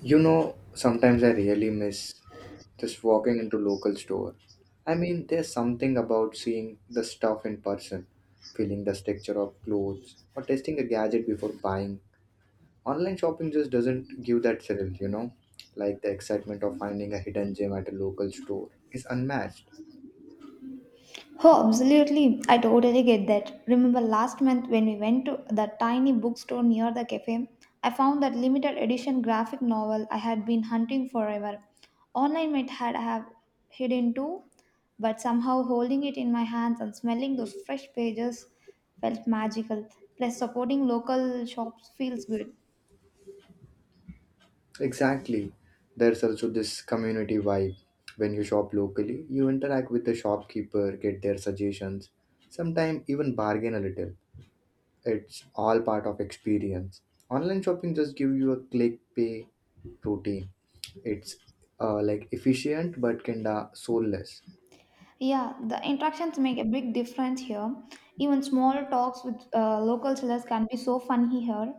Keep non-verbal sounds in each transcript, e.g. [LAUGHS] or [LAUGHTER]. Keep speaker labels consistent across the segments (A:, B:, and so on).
A: You know, sometimes I really miss just walking into local store. There's something about seeing the stuff in person, feeling the texture of clothes, or testing a gadget before buying. Online shopping just doesn't give that thrill, Like the excitement of finding a hidden gem at a local store is unmatched.
B: Oh, absolutely. I totally get that. Remember last month when we went to the tiny bookstore near the cafe, I found that limited edition graphic novel I had been hunting forever. Online might had have hidden too, but somehow holding it in my hands and smelling those fresh pages felt magical. Plus supporting local shops feels good.
A: Exactly. There's also this community vibe. When you shop locally, you interact with the shopkeeper, get their suggestions, sometimes even bargain a little, it's all part of experience. Online shopping just give you a click pay routine. It's Like efficient but kinda soulless.
B: Yeah, the interactions make a big difference here. Even small talks with local sellers can be so funny here.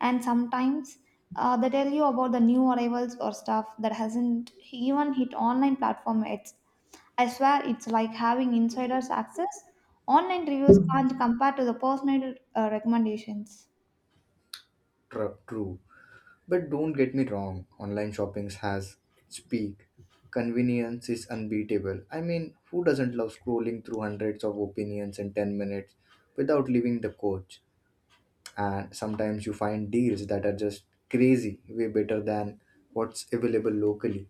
B: And sometimes they tell you about the new arrivals or stuff that hasn't even hit online platform yet. I swear it's like having insider's access. Online reviews can't compare to the personal recommendations.
A: True, but don't get me wrong, online shopping has its peak. Convenience is unbeatable. Who doesn't love scrolling through hundreds of opinions in 10 minutes without leaving the coach? And sometimes you find deals that are just crazy, way better than what's available locally.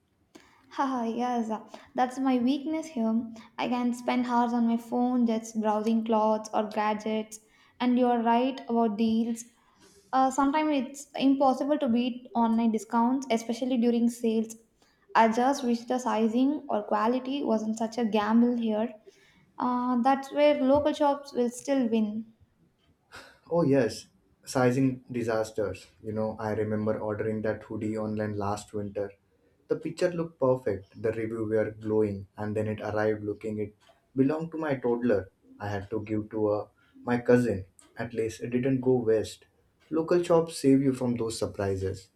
B: Haha, yes, that's my weakness here. I can spend hours on my phone just browsing clothes or gadgets. And you're right about deals. Sometimes it's impossible to beat online discounts, especially during sales. I just wish the sizing or quality wasn't such a gamble here. That's where local shops will still win.
A: Oh yes, sizing disasters. You know, I remember ordering that hoodie online last winter. The picture looked perfect, the review were glowing, and then it arrived looking it belonged to my toddler. I had to give to my cousin. At least it didn't go west. Local shops save you from those surprises.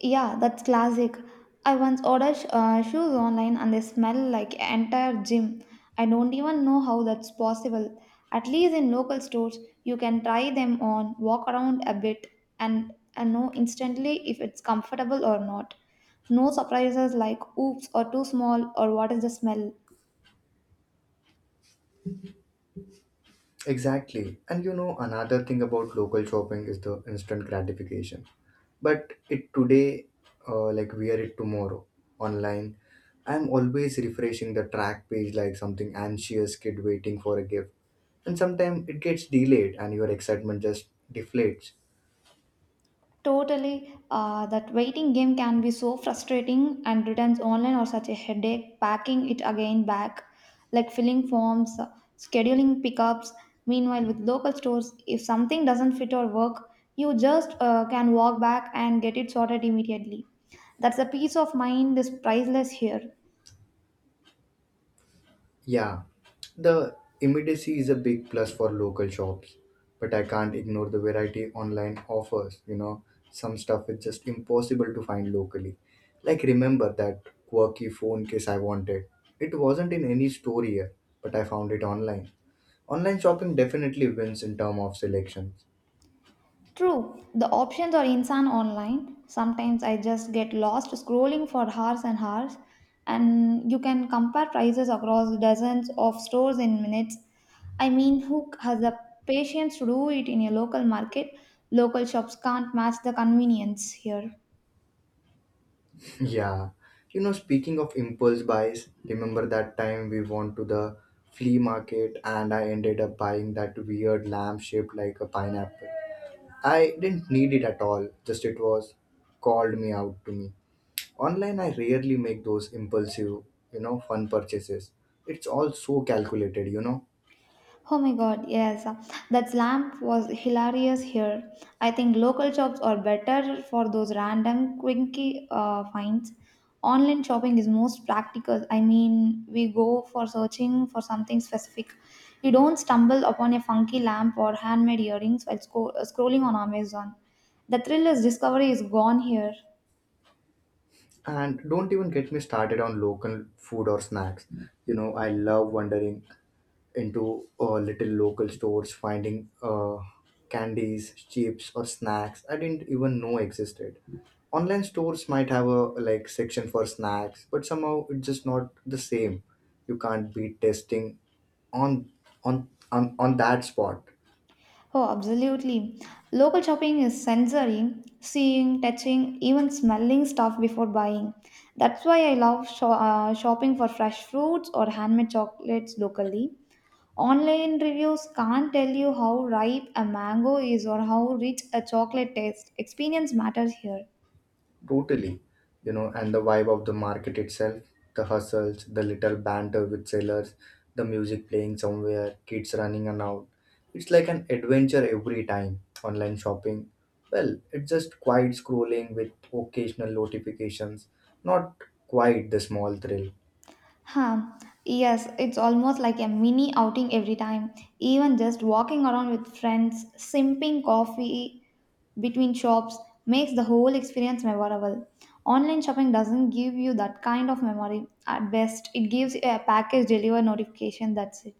B: Yeah, that's classic. I once ordered shoes online and they smell like entire gym. I don't even know how that's possible. At least in local stores, you can try them on, walk around a bit, and know instantly if it's comfortable or not. No surprises like oops or too small or what is the smell.
A: Exactly. And you know, another thing about local shopping is the instant gratification. But it today, like wear it tomorrow. Online, I'm always refreshing the track page like something anxious kid waiting for a gift. And sometimes it gets delayed and your excitement just deflates.
B: Totally, that waiting game can be so frustrating, and returns online are such a headache. Packing it again back, like filling forms, scheduling pickups. Meanwhile, with local stores, if something doesn't fit or work, you just can walk back and get it sorted immediately. That's a peace of mind is priceless here.
A: Yeah, the immediacy is a big plus for local shops, but I can't ignore the variety online offers. You know, some stuff is just impossible to find locally. Like, remember that quirky phone case I wanted? It wasn't in any store here, but I found it online. Online shopping definitely wins in term of selections.
B: True, the options are insane online. Sometimes I just get lost scrolling for hours and hours, and you can compare prices across dozens of stores in minutes. I mean, who has the patience to do it in a local market? Local shops can't match the convenience here.
A: [LAUGHS] Yeah. You know, speaking of impulse buys, remember that time we went to the flea market and I ended up buying that weird lamp shaped like a pineapple. I didn't need it at all, just it was called me out to me. Online, I rarely make those impulsive, fun purchases. It's all so calculated,
B: Oh my god, yes. That lamp was hilarious here. I think local shops are better for those random quirky finds. Online shopping is most practical. I mean, we go for searching for something specific. You don't stumble upon a funky lamp or handmade earrings while scrolling on Amazon. The thrill is discovery is gone here.
A: And don't even get me started on local food or snacks. You know, I love wondering into little local stores, finding candies, chips, or snacks I didn't even know existed. Online stores might have a like section for snacks, but somehow it's just not the same. You can't be testing on on that spot.
B: Oh, absolutely. Local shopping is sensory, seeing, touching, even smelling stuff before buying. That's why I love shopping for fresh fruits or handmade chocolates locally. Online reviews can't tell you how ripe a mango is or how rich a chocolate tastes. Experience matters here.
A: Totally. And the vibe of the market itself, the hustles, the little banter with sellers, the music playing somewhere, kids running around. It's like an adventure every time. Online shopping, well, it's just quiet scrolling with occasional notifications, not quite the small thrill.
B: Huh. Yes, it's almost like a mini outing every time. Even just walking around with friends, sipping coffee between shops makes the whole experience memorable. Online shopping doesn't give you that kind of memory. At best, it gives you a package deliver notification, that's it.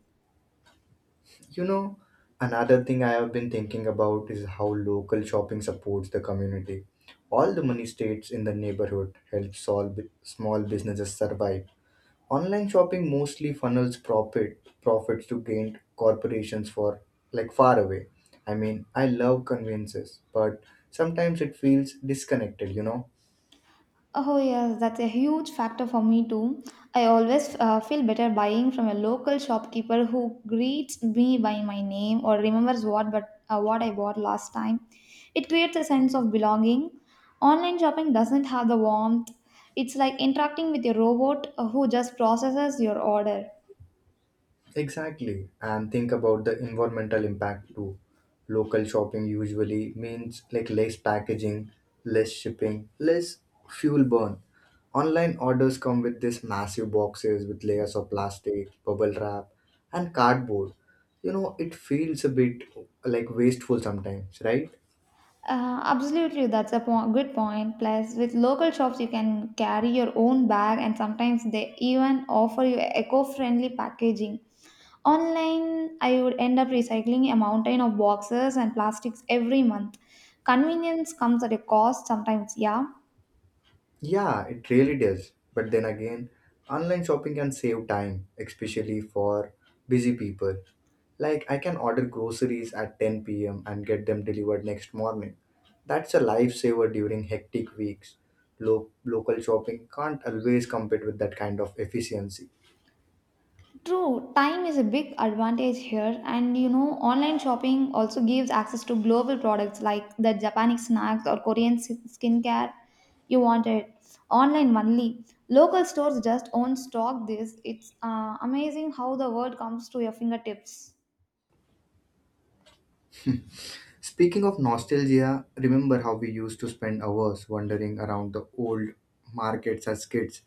A: You know, another thing I have been thinking about is how local shopping supports the community. All the money stays in the neighborhood, helps solve small businesses survive. Online shopping mostly funnels profits to gained corporations for like far away. I love conveniences, but sometimes it feels disconnected,
B: Oh, yes, that's a huge factor for me too. I always feel better buying from a local shopkeeper who greets me by my name or remembers what I bought last time. It creates a sense of belonging. Online shopping doesn't have the warmth. It's like interacting with a robot who just processes your order.
A: Exactly. And think about the environmental impact too. Local shopping usually means like less packaging, less shipping, less fuel burn. Online orders come with these massive boxes with layers of plastic, bubble wrap, and cardboard. You know, it feels a bit like wasteful sometimes, right?
B: Absolutely, that's a good point. Plus, with local shops, you can carry your own bag, and sometimes they even offer you eco friendly packaging. Online, I would end up recycling a mountain of boxes and plastics every month. Convenience comes at a cost sometimes, yeah.
A: Yeah, it really does. But then again, online shopping can save time, especially for busy people. Like, I can order groceries at 10 p.m. and get them delivered next morning. That's a lifesaver during hectic weeks. Local shopping can't always compete with that kind of efficiency.
B: True, time is a big advantage here, and you know, online shopping also gives access to global products like the Japanese snacks or Korean skincare you wanted. Online only. Local stores just own stock this. It's amazing how the world comes to your fingertips.
A: Speaking of nostalgia, remember how we used to spend hours wandering around the old markets as kids,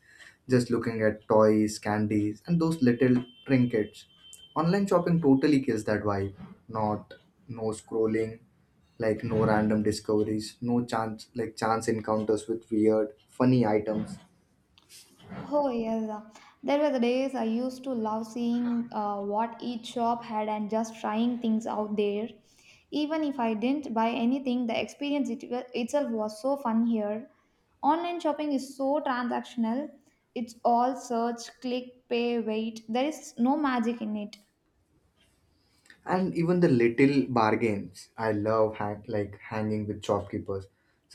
A: just looking at toys, candies, and those little trinkets. Online shopping totally kills that vibe. Not No scrolling, like no random discoveries, no chance encounters with weird, funny items.
B: Oh yes, there were the days I used to love seeing what each shop had and just trying things out there. Even if I didn't buy anything, the experience it, itself was so fun here. Online shopping is so transactional. It's all search, click, pay, wait. There is no magic in it.
A: And even the little bargains, I love hanging with shopkeepers.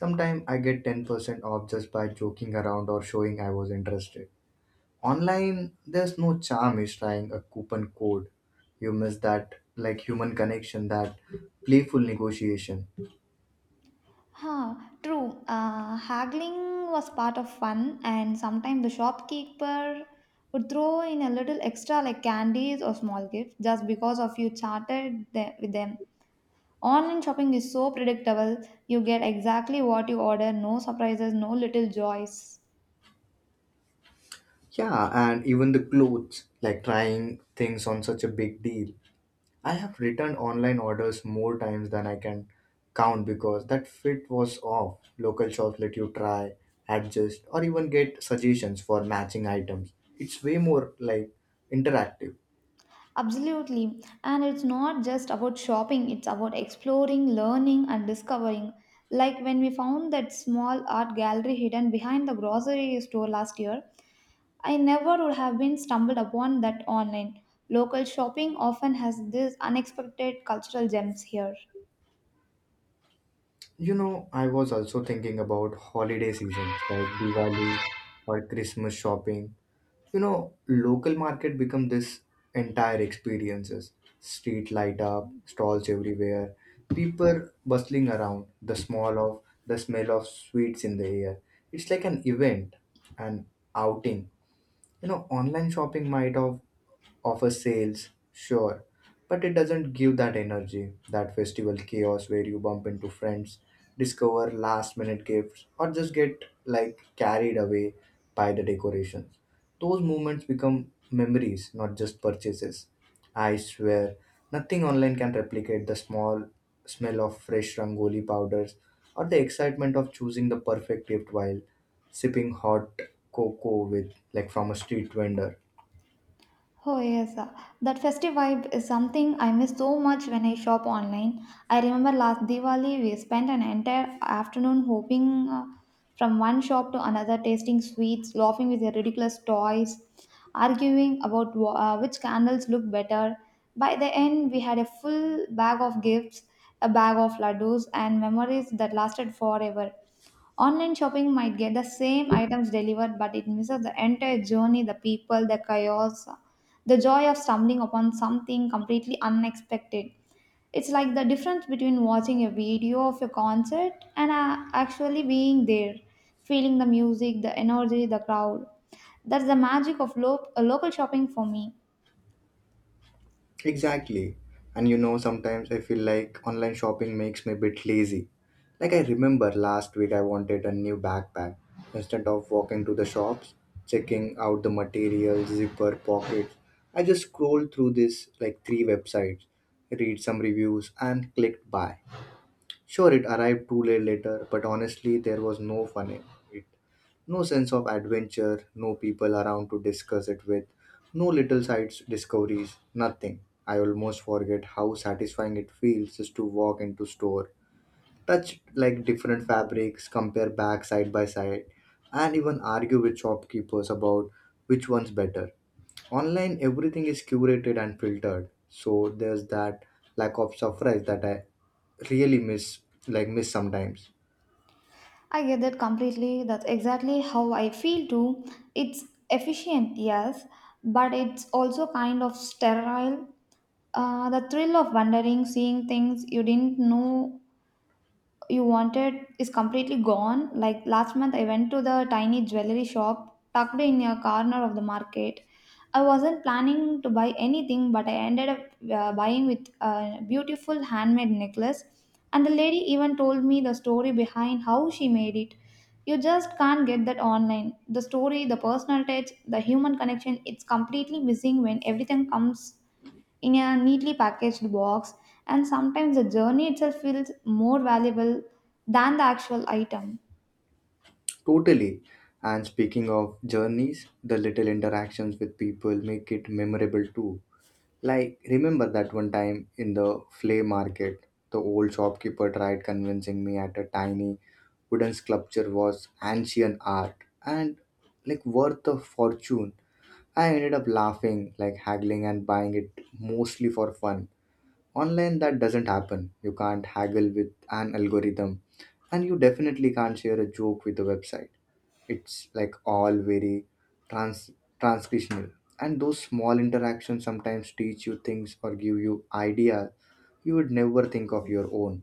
A: Sometimes I get 10% off just by joking around or showing I was interested. Online, there's no charm is trying a coupon code. You miss that like human connection, that playful negotiation.
B: Huh, true. Haggling was part of fun, and sometimes the shopkeeper would throw in a little extra, like candies or small gifts, just because of you with them. Online shopping is so predictable; you get exactly what you order, no surprises, no little joys.
A: Yeah, and even the clothes, like trying things on such a big deal. I have returned online orders more times than I can count because that fit was off. Local shops let you try, adjust, or even get suggestions for matching items. It's way more interactive.
B: Absolutely, and it's not just about shopping; it's about exploring, learning, and discovering. Like when we found that small art gallery hidden behind the grocery store last year, I never would have been stumbled upon that online. Local shopping often has these unexpected cultural gems here.
A: You know, I was also thinking about holiday seasons like Diwali or Christmas shopping. You know, local market become this entire experiences. Street light up, stalls everywhere, people bustling around, the smell of sweets in the air. It's like an event, an outing. You know, online shopping might have offer sales, sure, but it doesn't give that energy, that festival chaos where you bump into friends, discover last minute gifts, or just get like carried away by the decorations. Those moments become memories, not just purchases. I swear, nothing online can replicate the small smell of fresh rangoli powders or the excitement of choosing the perfect gift while sipping hot cocoa with from a street vendor.
B: Oh yes, that festive vibe is something I miss so much when I shop online. I remember last Diwali we spent an entire afternoon hopping from one shop to another, tasting sweets, laughing with their ridiculous toys, arguing about which candles look better. By the end, we had a full bag of gifts, a bag of laddus, and memories that lasted forever. Online shopping might get the same items delivered, but it misses the entire journey, the people, the chaos, the joy of stumbling upon something completely unexpected. It's like the difference between watching a video of a concert and actually being there, feeling the music, the energy, the crowd. That's the magic of local shopping for me.
A: Exactly. And you know, sometimes I feel like online shopping makes me a bit lazy. Like I remember last week I wanted a new backpack. Instead of walking to the shops, checking out the materials, zipper, pockets, I just scrolled through this like three websites, read some reviews and clicked buy. Sure it arrived 2 days later, but honestly there was no fun in it. No sense of adventure, no people around to discuss it with, no little side discoveries, nothing. I almost forget how satisfying it feels just to walk into store, touch like different fabrics, compare back side by side, and even argue with shopkeepers about which one's better. Online everything is curated and filtered, so there's that lack of surprise that I really miss sometimes.
B: I get that completely. That's exactly how I feel too. It's efficient, yes, but it's also kind of sterile. The thrill of wandering, seeing things you didn't know you wanted, is completely gone. Like last month, I went to the tiny jewelry shop tucked in a corner of the market. I wasn't planning to buy anything, but I ended up buying with a beautiful handmade necklace. And the lady even told me the story behind how she made it. You just can't get that online. The story, the personal touch, the human connection, it's completely missing when everything comes in a neatly packaged box, and sometimes the journey itself feels more valuable than the actual item.
A: Totally. And speaking of journeys, the little interactions with people make it memorable too. Like, remember that one time in the flea market, the old shopkeeper tried convincing me at a tiny wooden sculpture was ancient art and like worth a fortune. I ended up laughing, like haggling, and buying it mostly for fun. Online, that doesn't happen. You can't haggle with an algorithm, and you definitely can't share a joke with a website. It's like all very trans- transcriptional. And those small interactions sometimes teach you things or give you ideas you would never think of your own.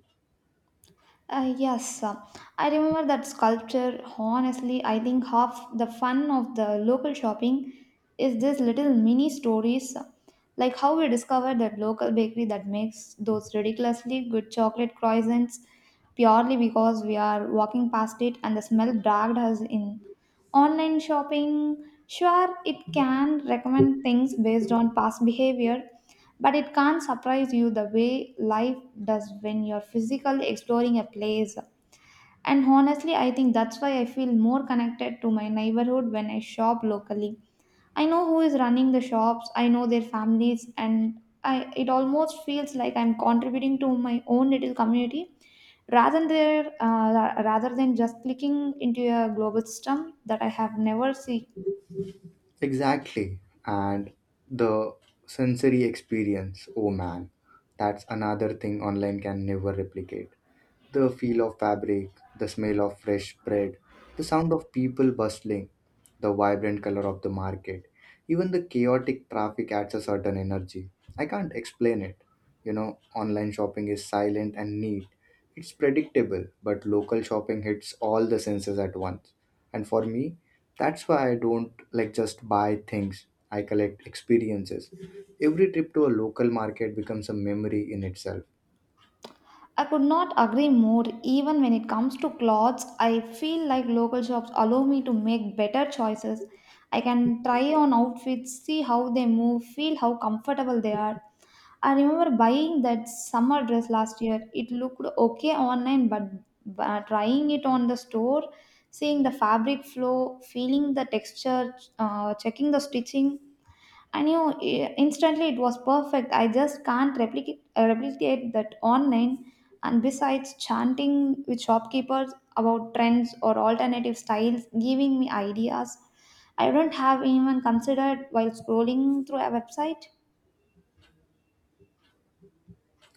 B: Yes, I remember that sculpture. Honestly, I think half the fun of the local shopping is these little mini stories, like how we discovered that local bakery that makes those ridiculously good chocolate croissants purely because we are walking past it and the smell dragged us in. Online shopping, sure, it can recommend things based on past behavior, but it can't surprise you the way life does when you're physically exploring a place. And honestly, I think that's why I feel more connected to my neighborhood when I shop locally. I know who is running the shops, I know their families, and I, it almost feels like I'm contributing to my own little community rather than just clicking into a global system that I have never seen.
A: Exactly. And the sensory experience, oh man, that's another thing online can never replicate. The feel of fabric, the smell of fresh bread, the sound of people bustling, the vibrant color of the market, even the chaotic traffic adds a certain energy. I can't explain it. You know, online shopping is silent and neat. It's predictable, but local shopping hits all the senses at once. And for me, that's why I don't like just buy things. I collect experiences. Every trip to a local market becomes a memory in itself.
B: I could not agree more. Even when it comes to clothes, I feel like local shops allow me to make better choices. I can try on outfits, see how they move, feel how comfortable they are. I remember buying that summer dress last year. It looked okay online, but trying it on the store, seeing the fabric flow, feeling the texture, checking the stitching, I knew instantly it was perfect. I just can't replicate that online. And besides chanting with shopkeepers about trends or alternative styles, giving me ideas I don't have even considered while scrolling through a website.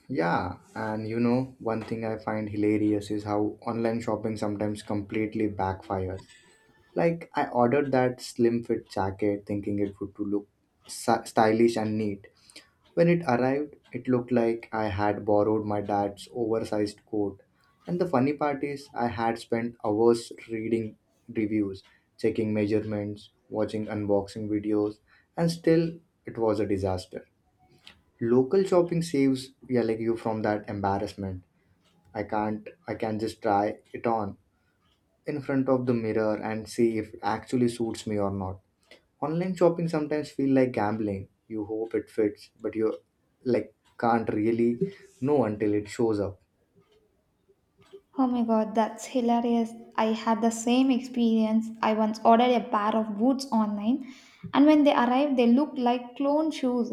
A: Yeah, and you know, one thing I find hilarious is how online shopping sometimes completely backfires. Like, I ordered that slim fit jacket thinking it would to look stylish and neat. When it arrived, it looked like I had borrowed my dad's oversized coat. And the funny part is, I had spent hours reading reviews, checking measurements, watching unboxing videos, and still it was a disaster. Local shopping saves, yeah, like you from that embarrassment. I can't I can just try it on in front of the mirror and see if it actually suits me or not. Online shopping sometimes feel like gambling. You hope it fits, but you can't really know until it shows up.
B: Oh my god, that's hilarious. I had the same experience. I once ordered a pair of boots online, and when they arrived, they looked like clone shoes.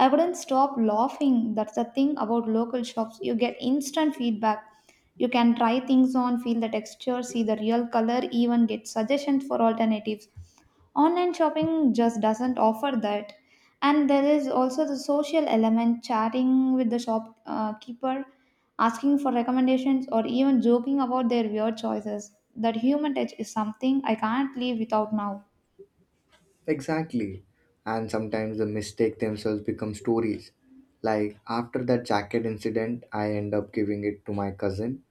B: I wouldn't stop laughing. That's the thing about local shops. You get instant feedback. You can try things on, feel the texture, see the real color, even get suggestions for alternatives. Online shopping just doesn't offer that. And there is also the social element, chatting with the shopkeeper, asking for recommendations, or even joking about their weird choices. That human touch is something I can't live without now.
A: Exactly. And sometimes the mistake themselves become stories. Like after that jacket incident, I end up giving it to my cousin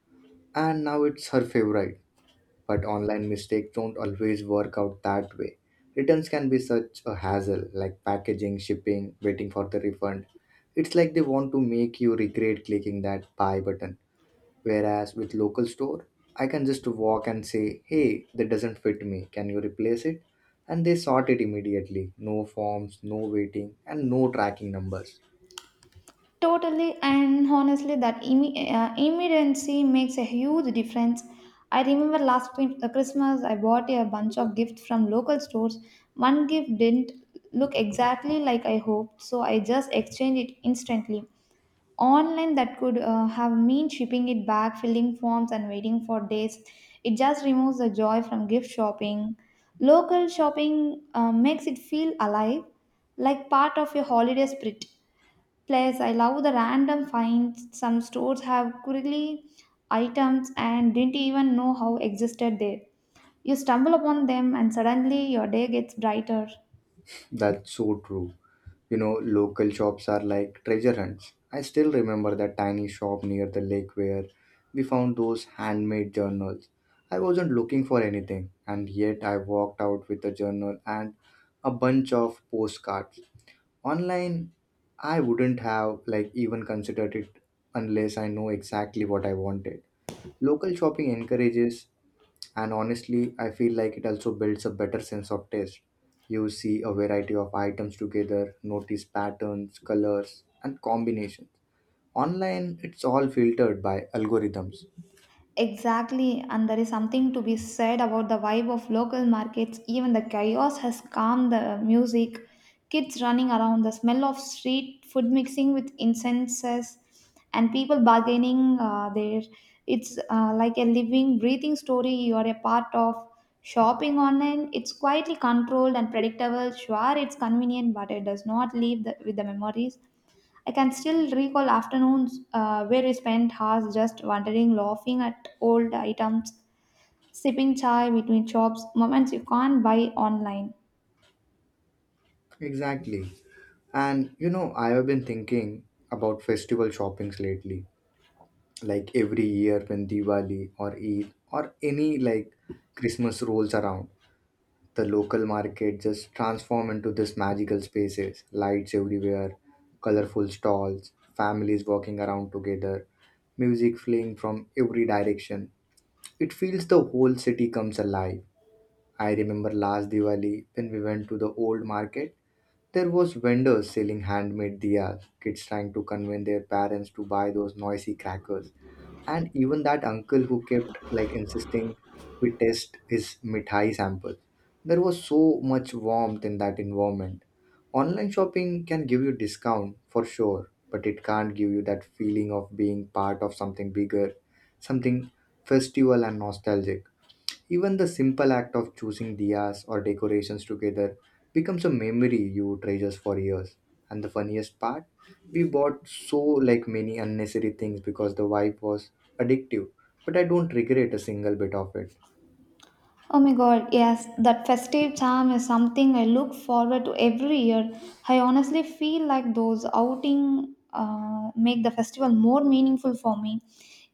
A: and now it's her favorite, but online mistakes don't always work out that way. Returns can be such a hassle, like packaging, shipping, waiting for the refund. It's like they want to make you regret clicking that buy button. Whereas with local store, I can just walk and say, hey, that doesn't fit me. Can you replace it? And they sort it immediately. No forms, no waiting, and no tracking numbers.
B: Totally and honestly, that immediacy makes a huge difference. I remember last Christmas, I bought a bunch of gifts from local stores. One gift didn't look exactly like I hoped, so I just exchanged it instantly. Online, that could have mean shipping it back, filling forms, and waiting for days. It just removes the joy from gift shopping. Local shopping makes it feel alive, like part of your holiday spirit. Plus, I love the random finds. Some stores have quirky items and didn't even know how existed there. You stumble upon them, and suddenly your day gets brighter.
A: That's so true. You know, local shops are like treasure hunts. I still remember that tiny shop near the lake where we found those handmade journals. I wasn't looking for anything, and yet I walked out with a journal and a bunch of postcards. Online, I wouldn't have even considered it unless I know exactly what I wanted. Local shopping encourages, and honestly I feel like it also builds a better sense of taste. You see a variety of items together, notice patterns, colors and combinations. Online it's all filtered by algorithms.
B: Exactly, and there is something to be said about the vibe of local markets. Even the chaos has calmed the music, kids running around, the smell of street food mixing with incenses, and people bargaining there. It's like a living, breathing story you are a part of. Shopping online, it's quietly controlled and predictable. Sure, it's convenient, but it does not leave the, with the memories I can still recall afternoons where we spent hours just wandering, laughing at old items, sipping chai between shops, moments you can't buy online.
A: Exactly. And you know, I have been thinking about festival shoppings lately. Like every year when Diwali or Eid or any like Christmas rolls around, the local market just transform into this magical spaces, lights everywhere, colorful stalls, families walking around together, music fleeing from every direction. It feels the whole city comes alive. I remember last Diwali when we went to the old market, there was vendors selling handmade diyas, kids trying to convince their parents to buy those noisy crackers, and even that uncle who kept like insisting we test his mithai sample. There was so much warmth in that environment. Online shopping can give you discount for sure, but it can't give you that feeling of being part of something bigger, something festival and nostalgic. Even the simple act of choosing diyas or decorations together becomes a memory you treasures for years. And the funniest part, we bought so like many unnecessary things because the vibe was addictive, but I don't regret a single bit of it.
B: Oh my god, yes, that festive charm is something I look forward to every year. I honestly feel like those outing make the festival more meaningful for me.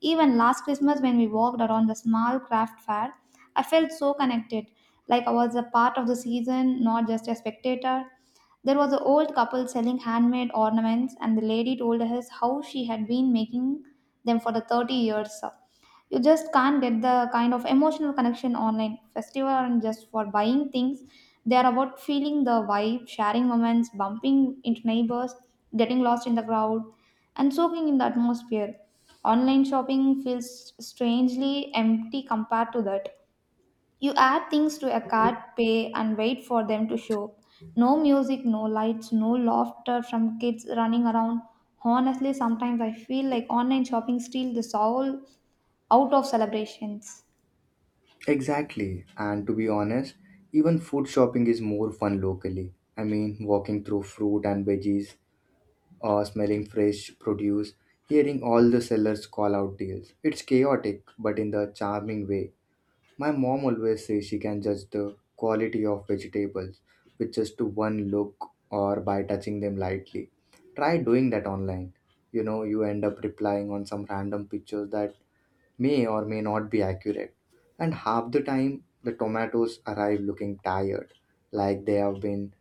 B: Even last Christmas when we walked around the small craft fair, I felt so connected, like I was a part of the season, not just a spectator. There was an old couple selling handmade ornaments, and the lady told us how she had been making them for the 30 years. You just can't get the kind of emotional connection online. Festival aren't just for buying things, they are about feeling the vibe, sharing moments, bumping into neighbors, getting lost in the crowd, and soaking in the atmosphere. Online shopping feels strangely empty compared to that. You add things to a cart, pay, and wait for them to show. No music, no lights, no laughter from kids running around. Honestly, sometimes I feel like online shopping steals the soul out of celebrations.
A: Exactly. And to be honest, even food shopping is more fun locally. I mean, walking through fruit and veggies, or smelling fresh produce, hearing all the sellers call out deals. It's chaotic, but in the charming way. My mom always says she can judge the quality of vegetables with just one look or by touching them lightly. Try doing that online. You know, you end up replying on some random pictures that may or may not be accurate. And half the time, the tomatoes arrive looking tired, like they have been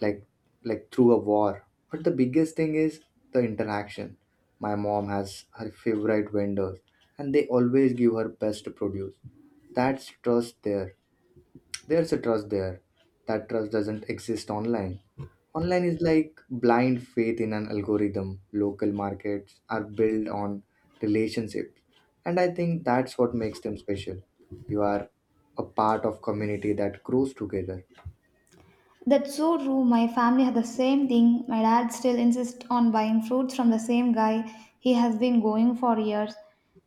A: like like through a war. But the biggest thing is the interaction. My mom has her favorite vendors and they always give her best produce. That's trust there there's a trust there. That trust doesn't exist online. Online is like blind faith in an algorithm. Local markets are built on relationships, and I think that's what makes them special. You are a part of community that grows together.
B: That's so true. My family had the same thing. My dad still insists on buying fruits from the same guy he has been going for years.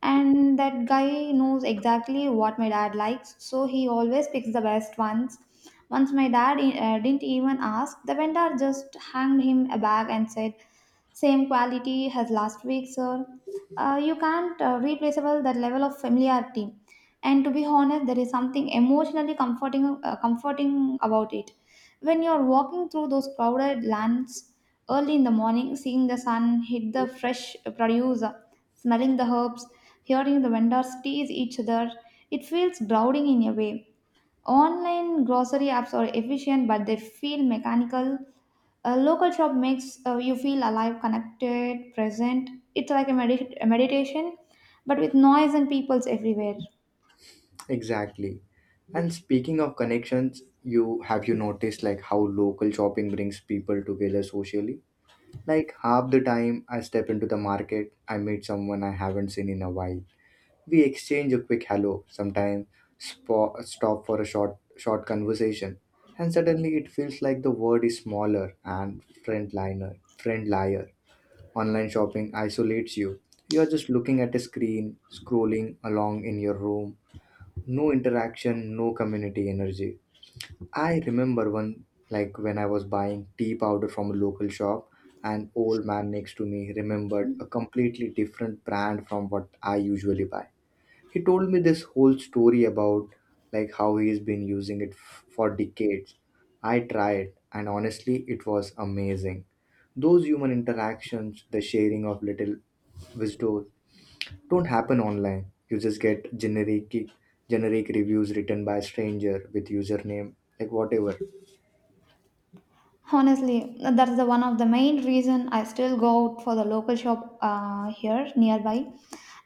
B: And that guy knows exactly what my dad likes, so he always picks the best ones. Once my dad didn't even ask, the vendor just hanged him a bag and said, same quality as last week, sir. You can't replaceable that level of familiarity. And to be honest, there is something emotionally comforting, comforting about it. When you're walking through those crowded lands early in the morning, seeing the sun hit the fresh produce, smelling the herbs, hearing the vendors tease each other, it feels grounding in a way. Online grocery apps are efficient, but they feel mechanical. A local shop makes you feel alive, connected, present. It's like a, a meditation, but with noise and peoples everywhere.
A: Exactly. And speaking of connections, you have you noticed like how local shopping brings people together socially? Like half the time I step into the market, I meet someone I haven't seen in a while. We exchange a quick hello, sometimes stop for a short conversation, and suddenly it feels like the world is smaller and friendlier. Online shopping isolates you. You are just looking at a screen, scrolling along in your room. No interaction, no community energy. I remember one, like when I was buying tea powder from a local shop, an old man next to me remembered a completely different brand from what I usually buy. He told me this whole story about like how he's been using it for decades. I tried, and honestly it was amazing. Those human interactions, the sharing of little wisdom, don't happen online. You just get generic reviews written by a stranger with username like whatever.
B: Honestly, that's the one of the main reason I still go out for the local shop here nearby.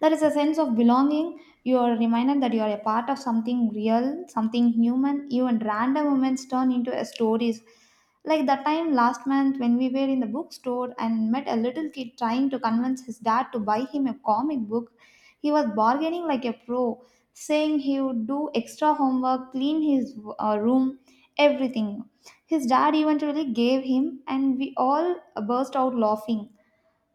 B: There is a sense of belonging. You are reminded that you are a part of something real, something human. Even random moments turn into a stories. Like that time last month when we were in the bookstore and met a little kid trying to convince his dad to buy him a comic book. He was bargaining like a pro, saying he would do extra homework, clean his room, everything his dad eventually gave him, and we all burst out laughing.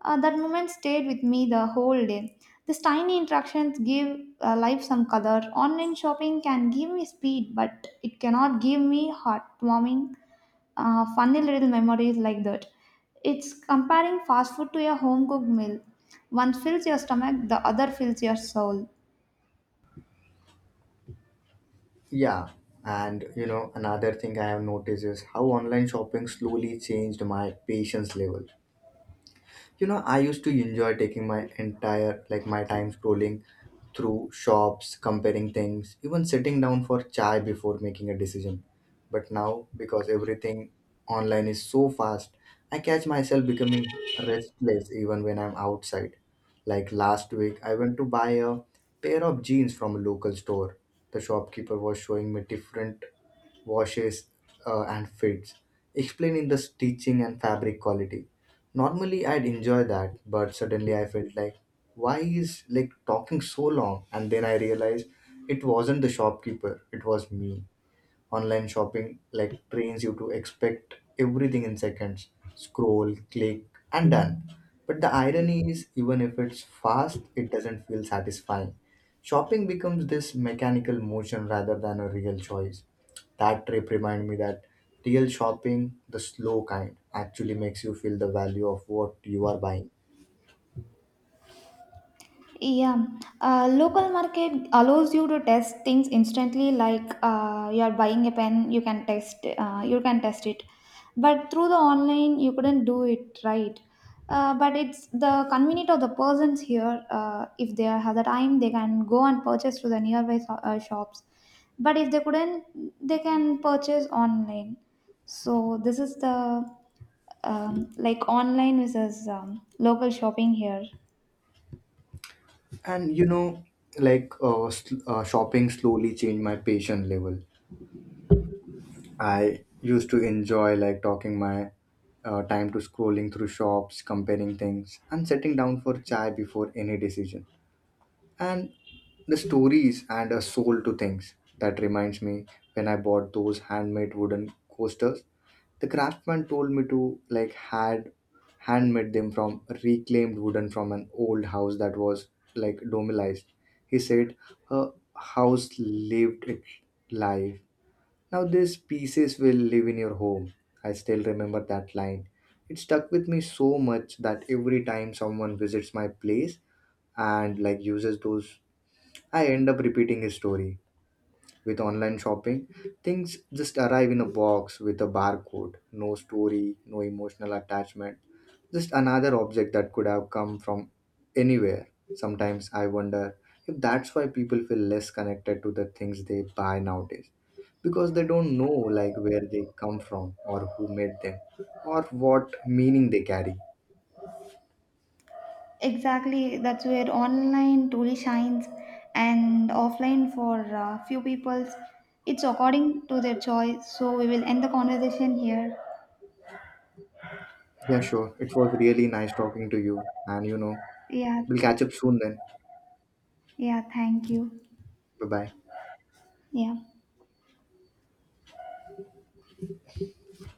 B: That moment stayed with me the whole day. These tiny interactions give life some color. Online shopping can give me speed, but it cannot give me heartwarming, funny little memories like that. It's comparing fast food to a home cooked meal. One fills your stomach, the other fills your soul.
A: Yeah, and you know, another thing I have noticed is how online shopping slowly changed my patience level. You know, I used to enjoy taking my entire, like my time, scrolling through shops, comparing things, even sitting down for chai before making a decision. But now, because everything online is so fast, I catch myself becoming restless even when I'm outside. Like last week I went to buy a pair of jeans from a local store. The shopkeeper was showing me different washes, and fits, explaining the stitching and fabric quality. Normally I'd enjoy that, but suddenly I felt like, why is like talking so long? And then I realized it wasn't the shopkeeper, it was me. Online shopping like trains you to expect everything in seconds. Scroll, click, and done. But the irony is, even if it's fast, it doesn't feel satisfying. Shopping becomes this mechanical motion rather than a real choice. That trip reminded me that real shopping, the slow kind, actually makes you feel the value of what you are buying.
B: Yeah, local market allows you to test things instantly. Like you are buying a pen, you can test, you can test it. But through the online, you couldn't do it right. But it's the convenient of the persons here. If they have the time, they can go and purchase to the nearby shops. But if they couldn't, they can purchase online. So this is the like online versus local shopping here.
A: And you know, like shopping slowly changed my patience level. I used to enjoy like talking my time to scrolling through shops, comparing things, and sitting down for chai before any decision. And the stories and a soul to things. That reminds me, when I bought those handmade wooden coasters, the craftsman told me to like had handmade them from reclaimed wooden from an old house that was like domilized. He said, her house lived its life, now these pieces will live in your home. I still remember that line. It stuck with me so much that every time someone visits my place and like uses those, I end up repeating his story. With online shopping, things just arrive in a box with a barcode, no story, no emotional attachment, just another object that could have come from anywhere. Sometimes I wonder if that's why people feel less connected to the things they buy nowadays, because they don't know like where they come from or who made them or what meaning they carry.
B: Exactly, that's where online truly shines, and offline for few people's, it's according to their choice. So we will end the conversation here.
A: Yeah, sure. It was really nice talking to you and you know,
B: Yeah,
A: We'll catch up soon then.
B: yeah, thank you.
A: Bye bye.
B: Yeah.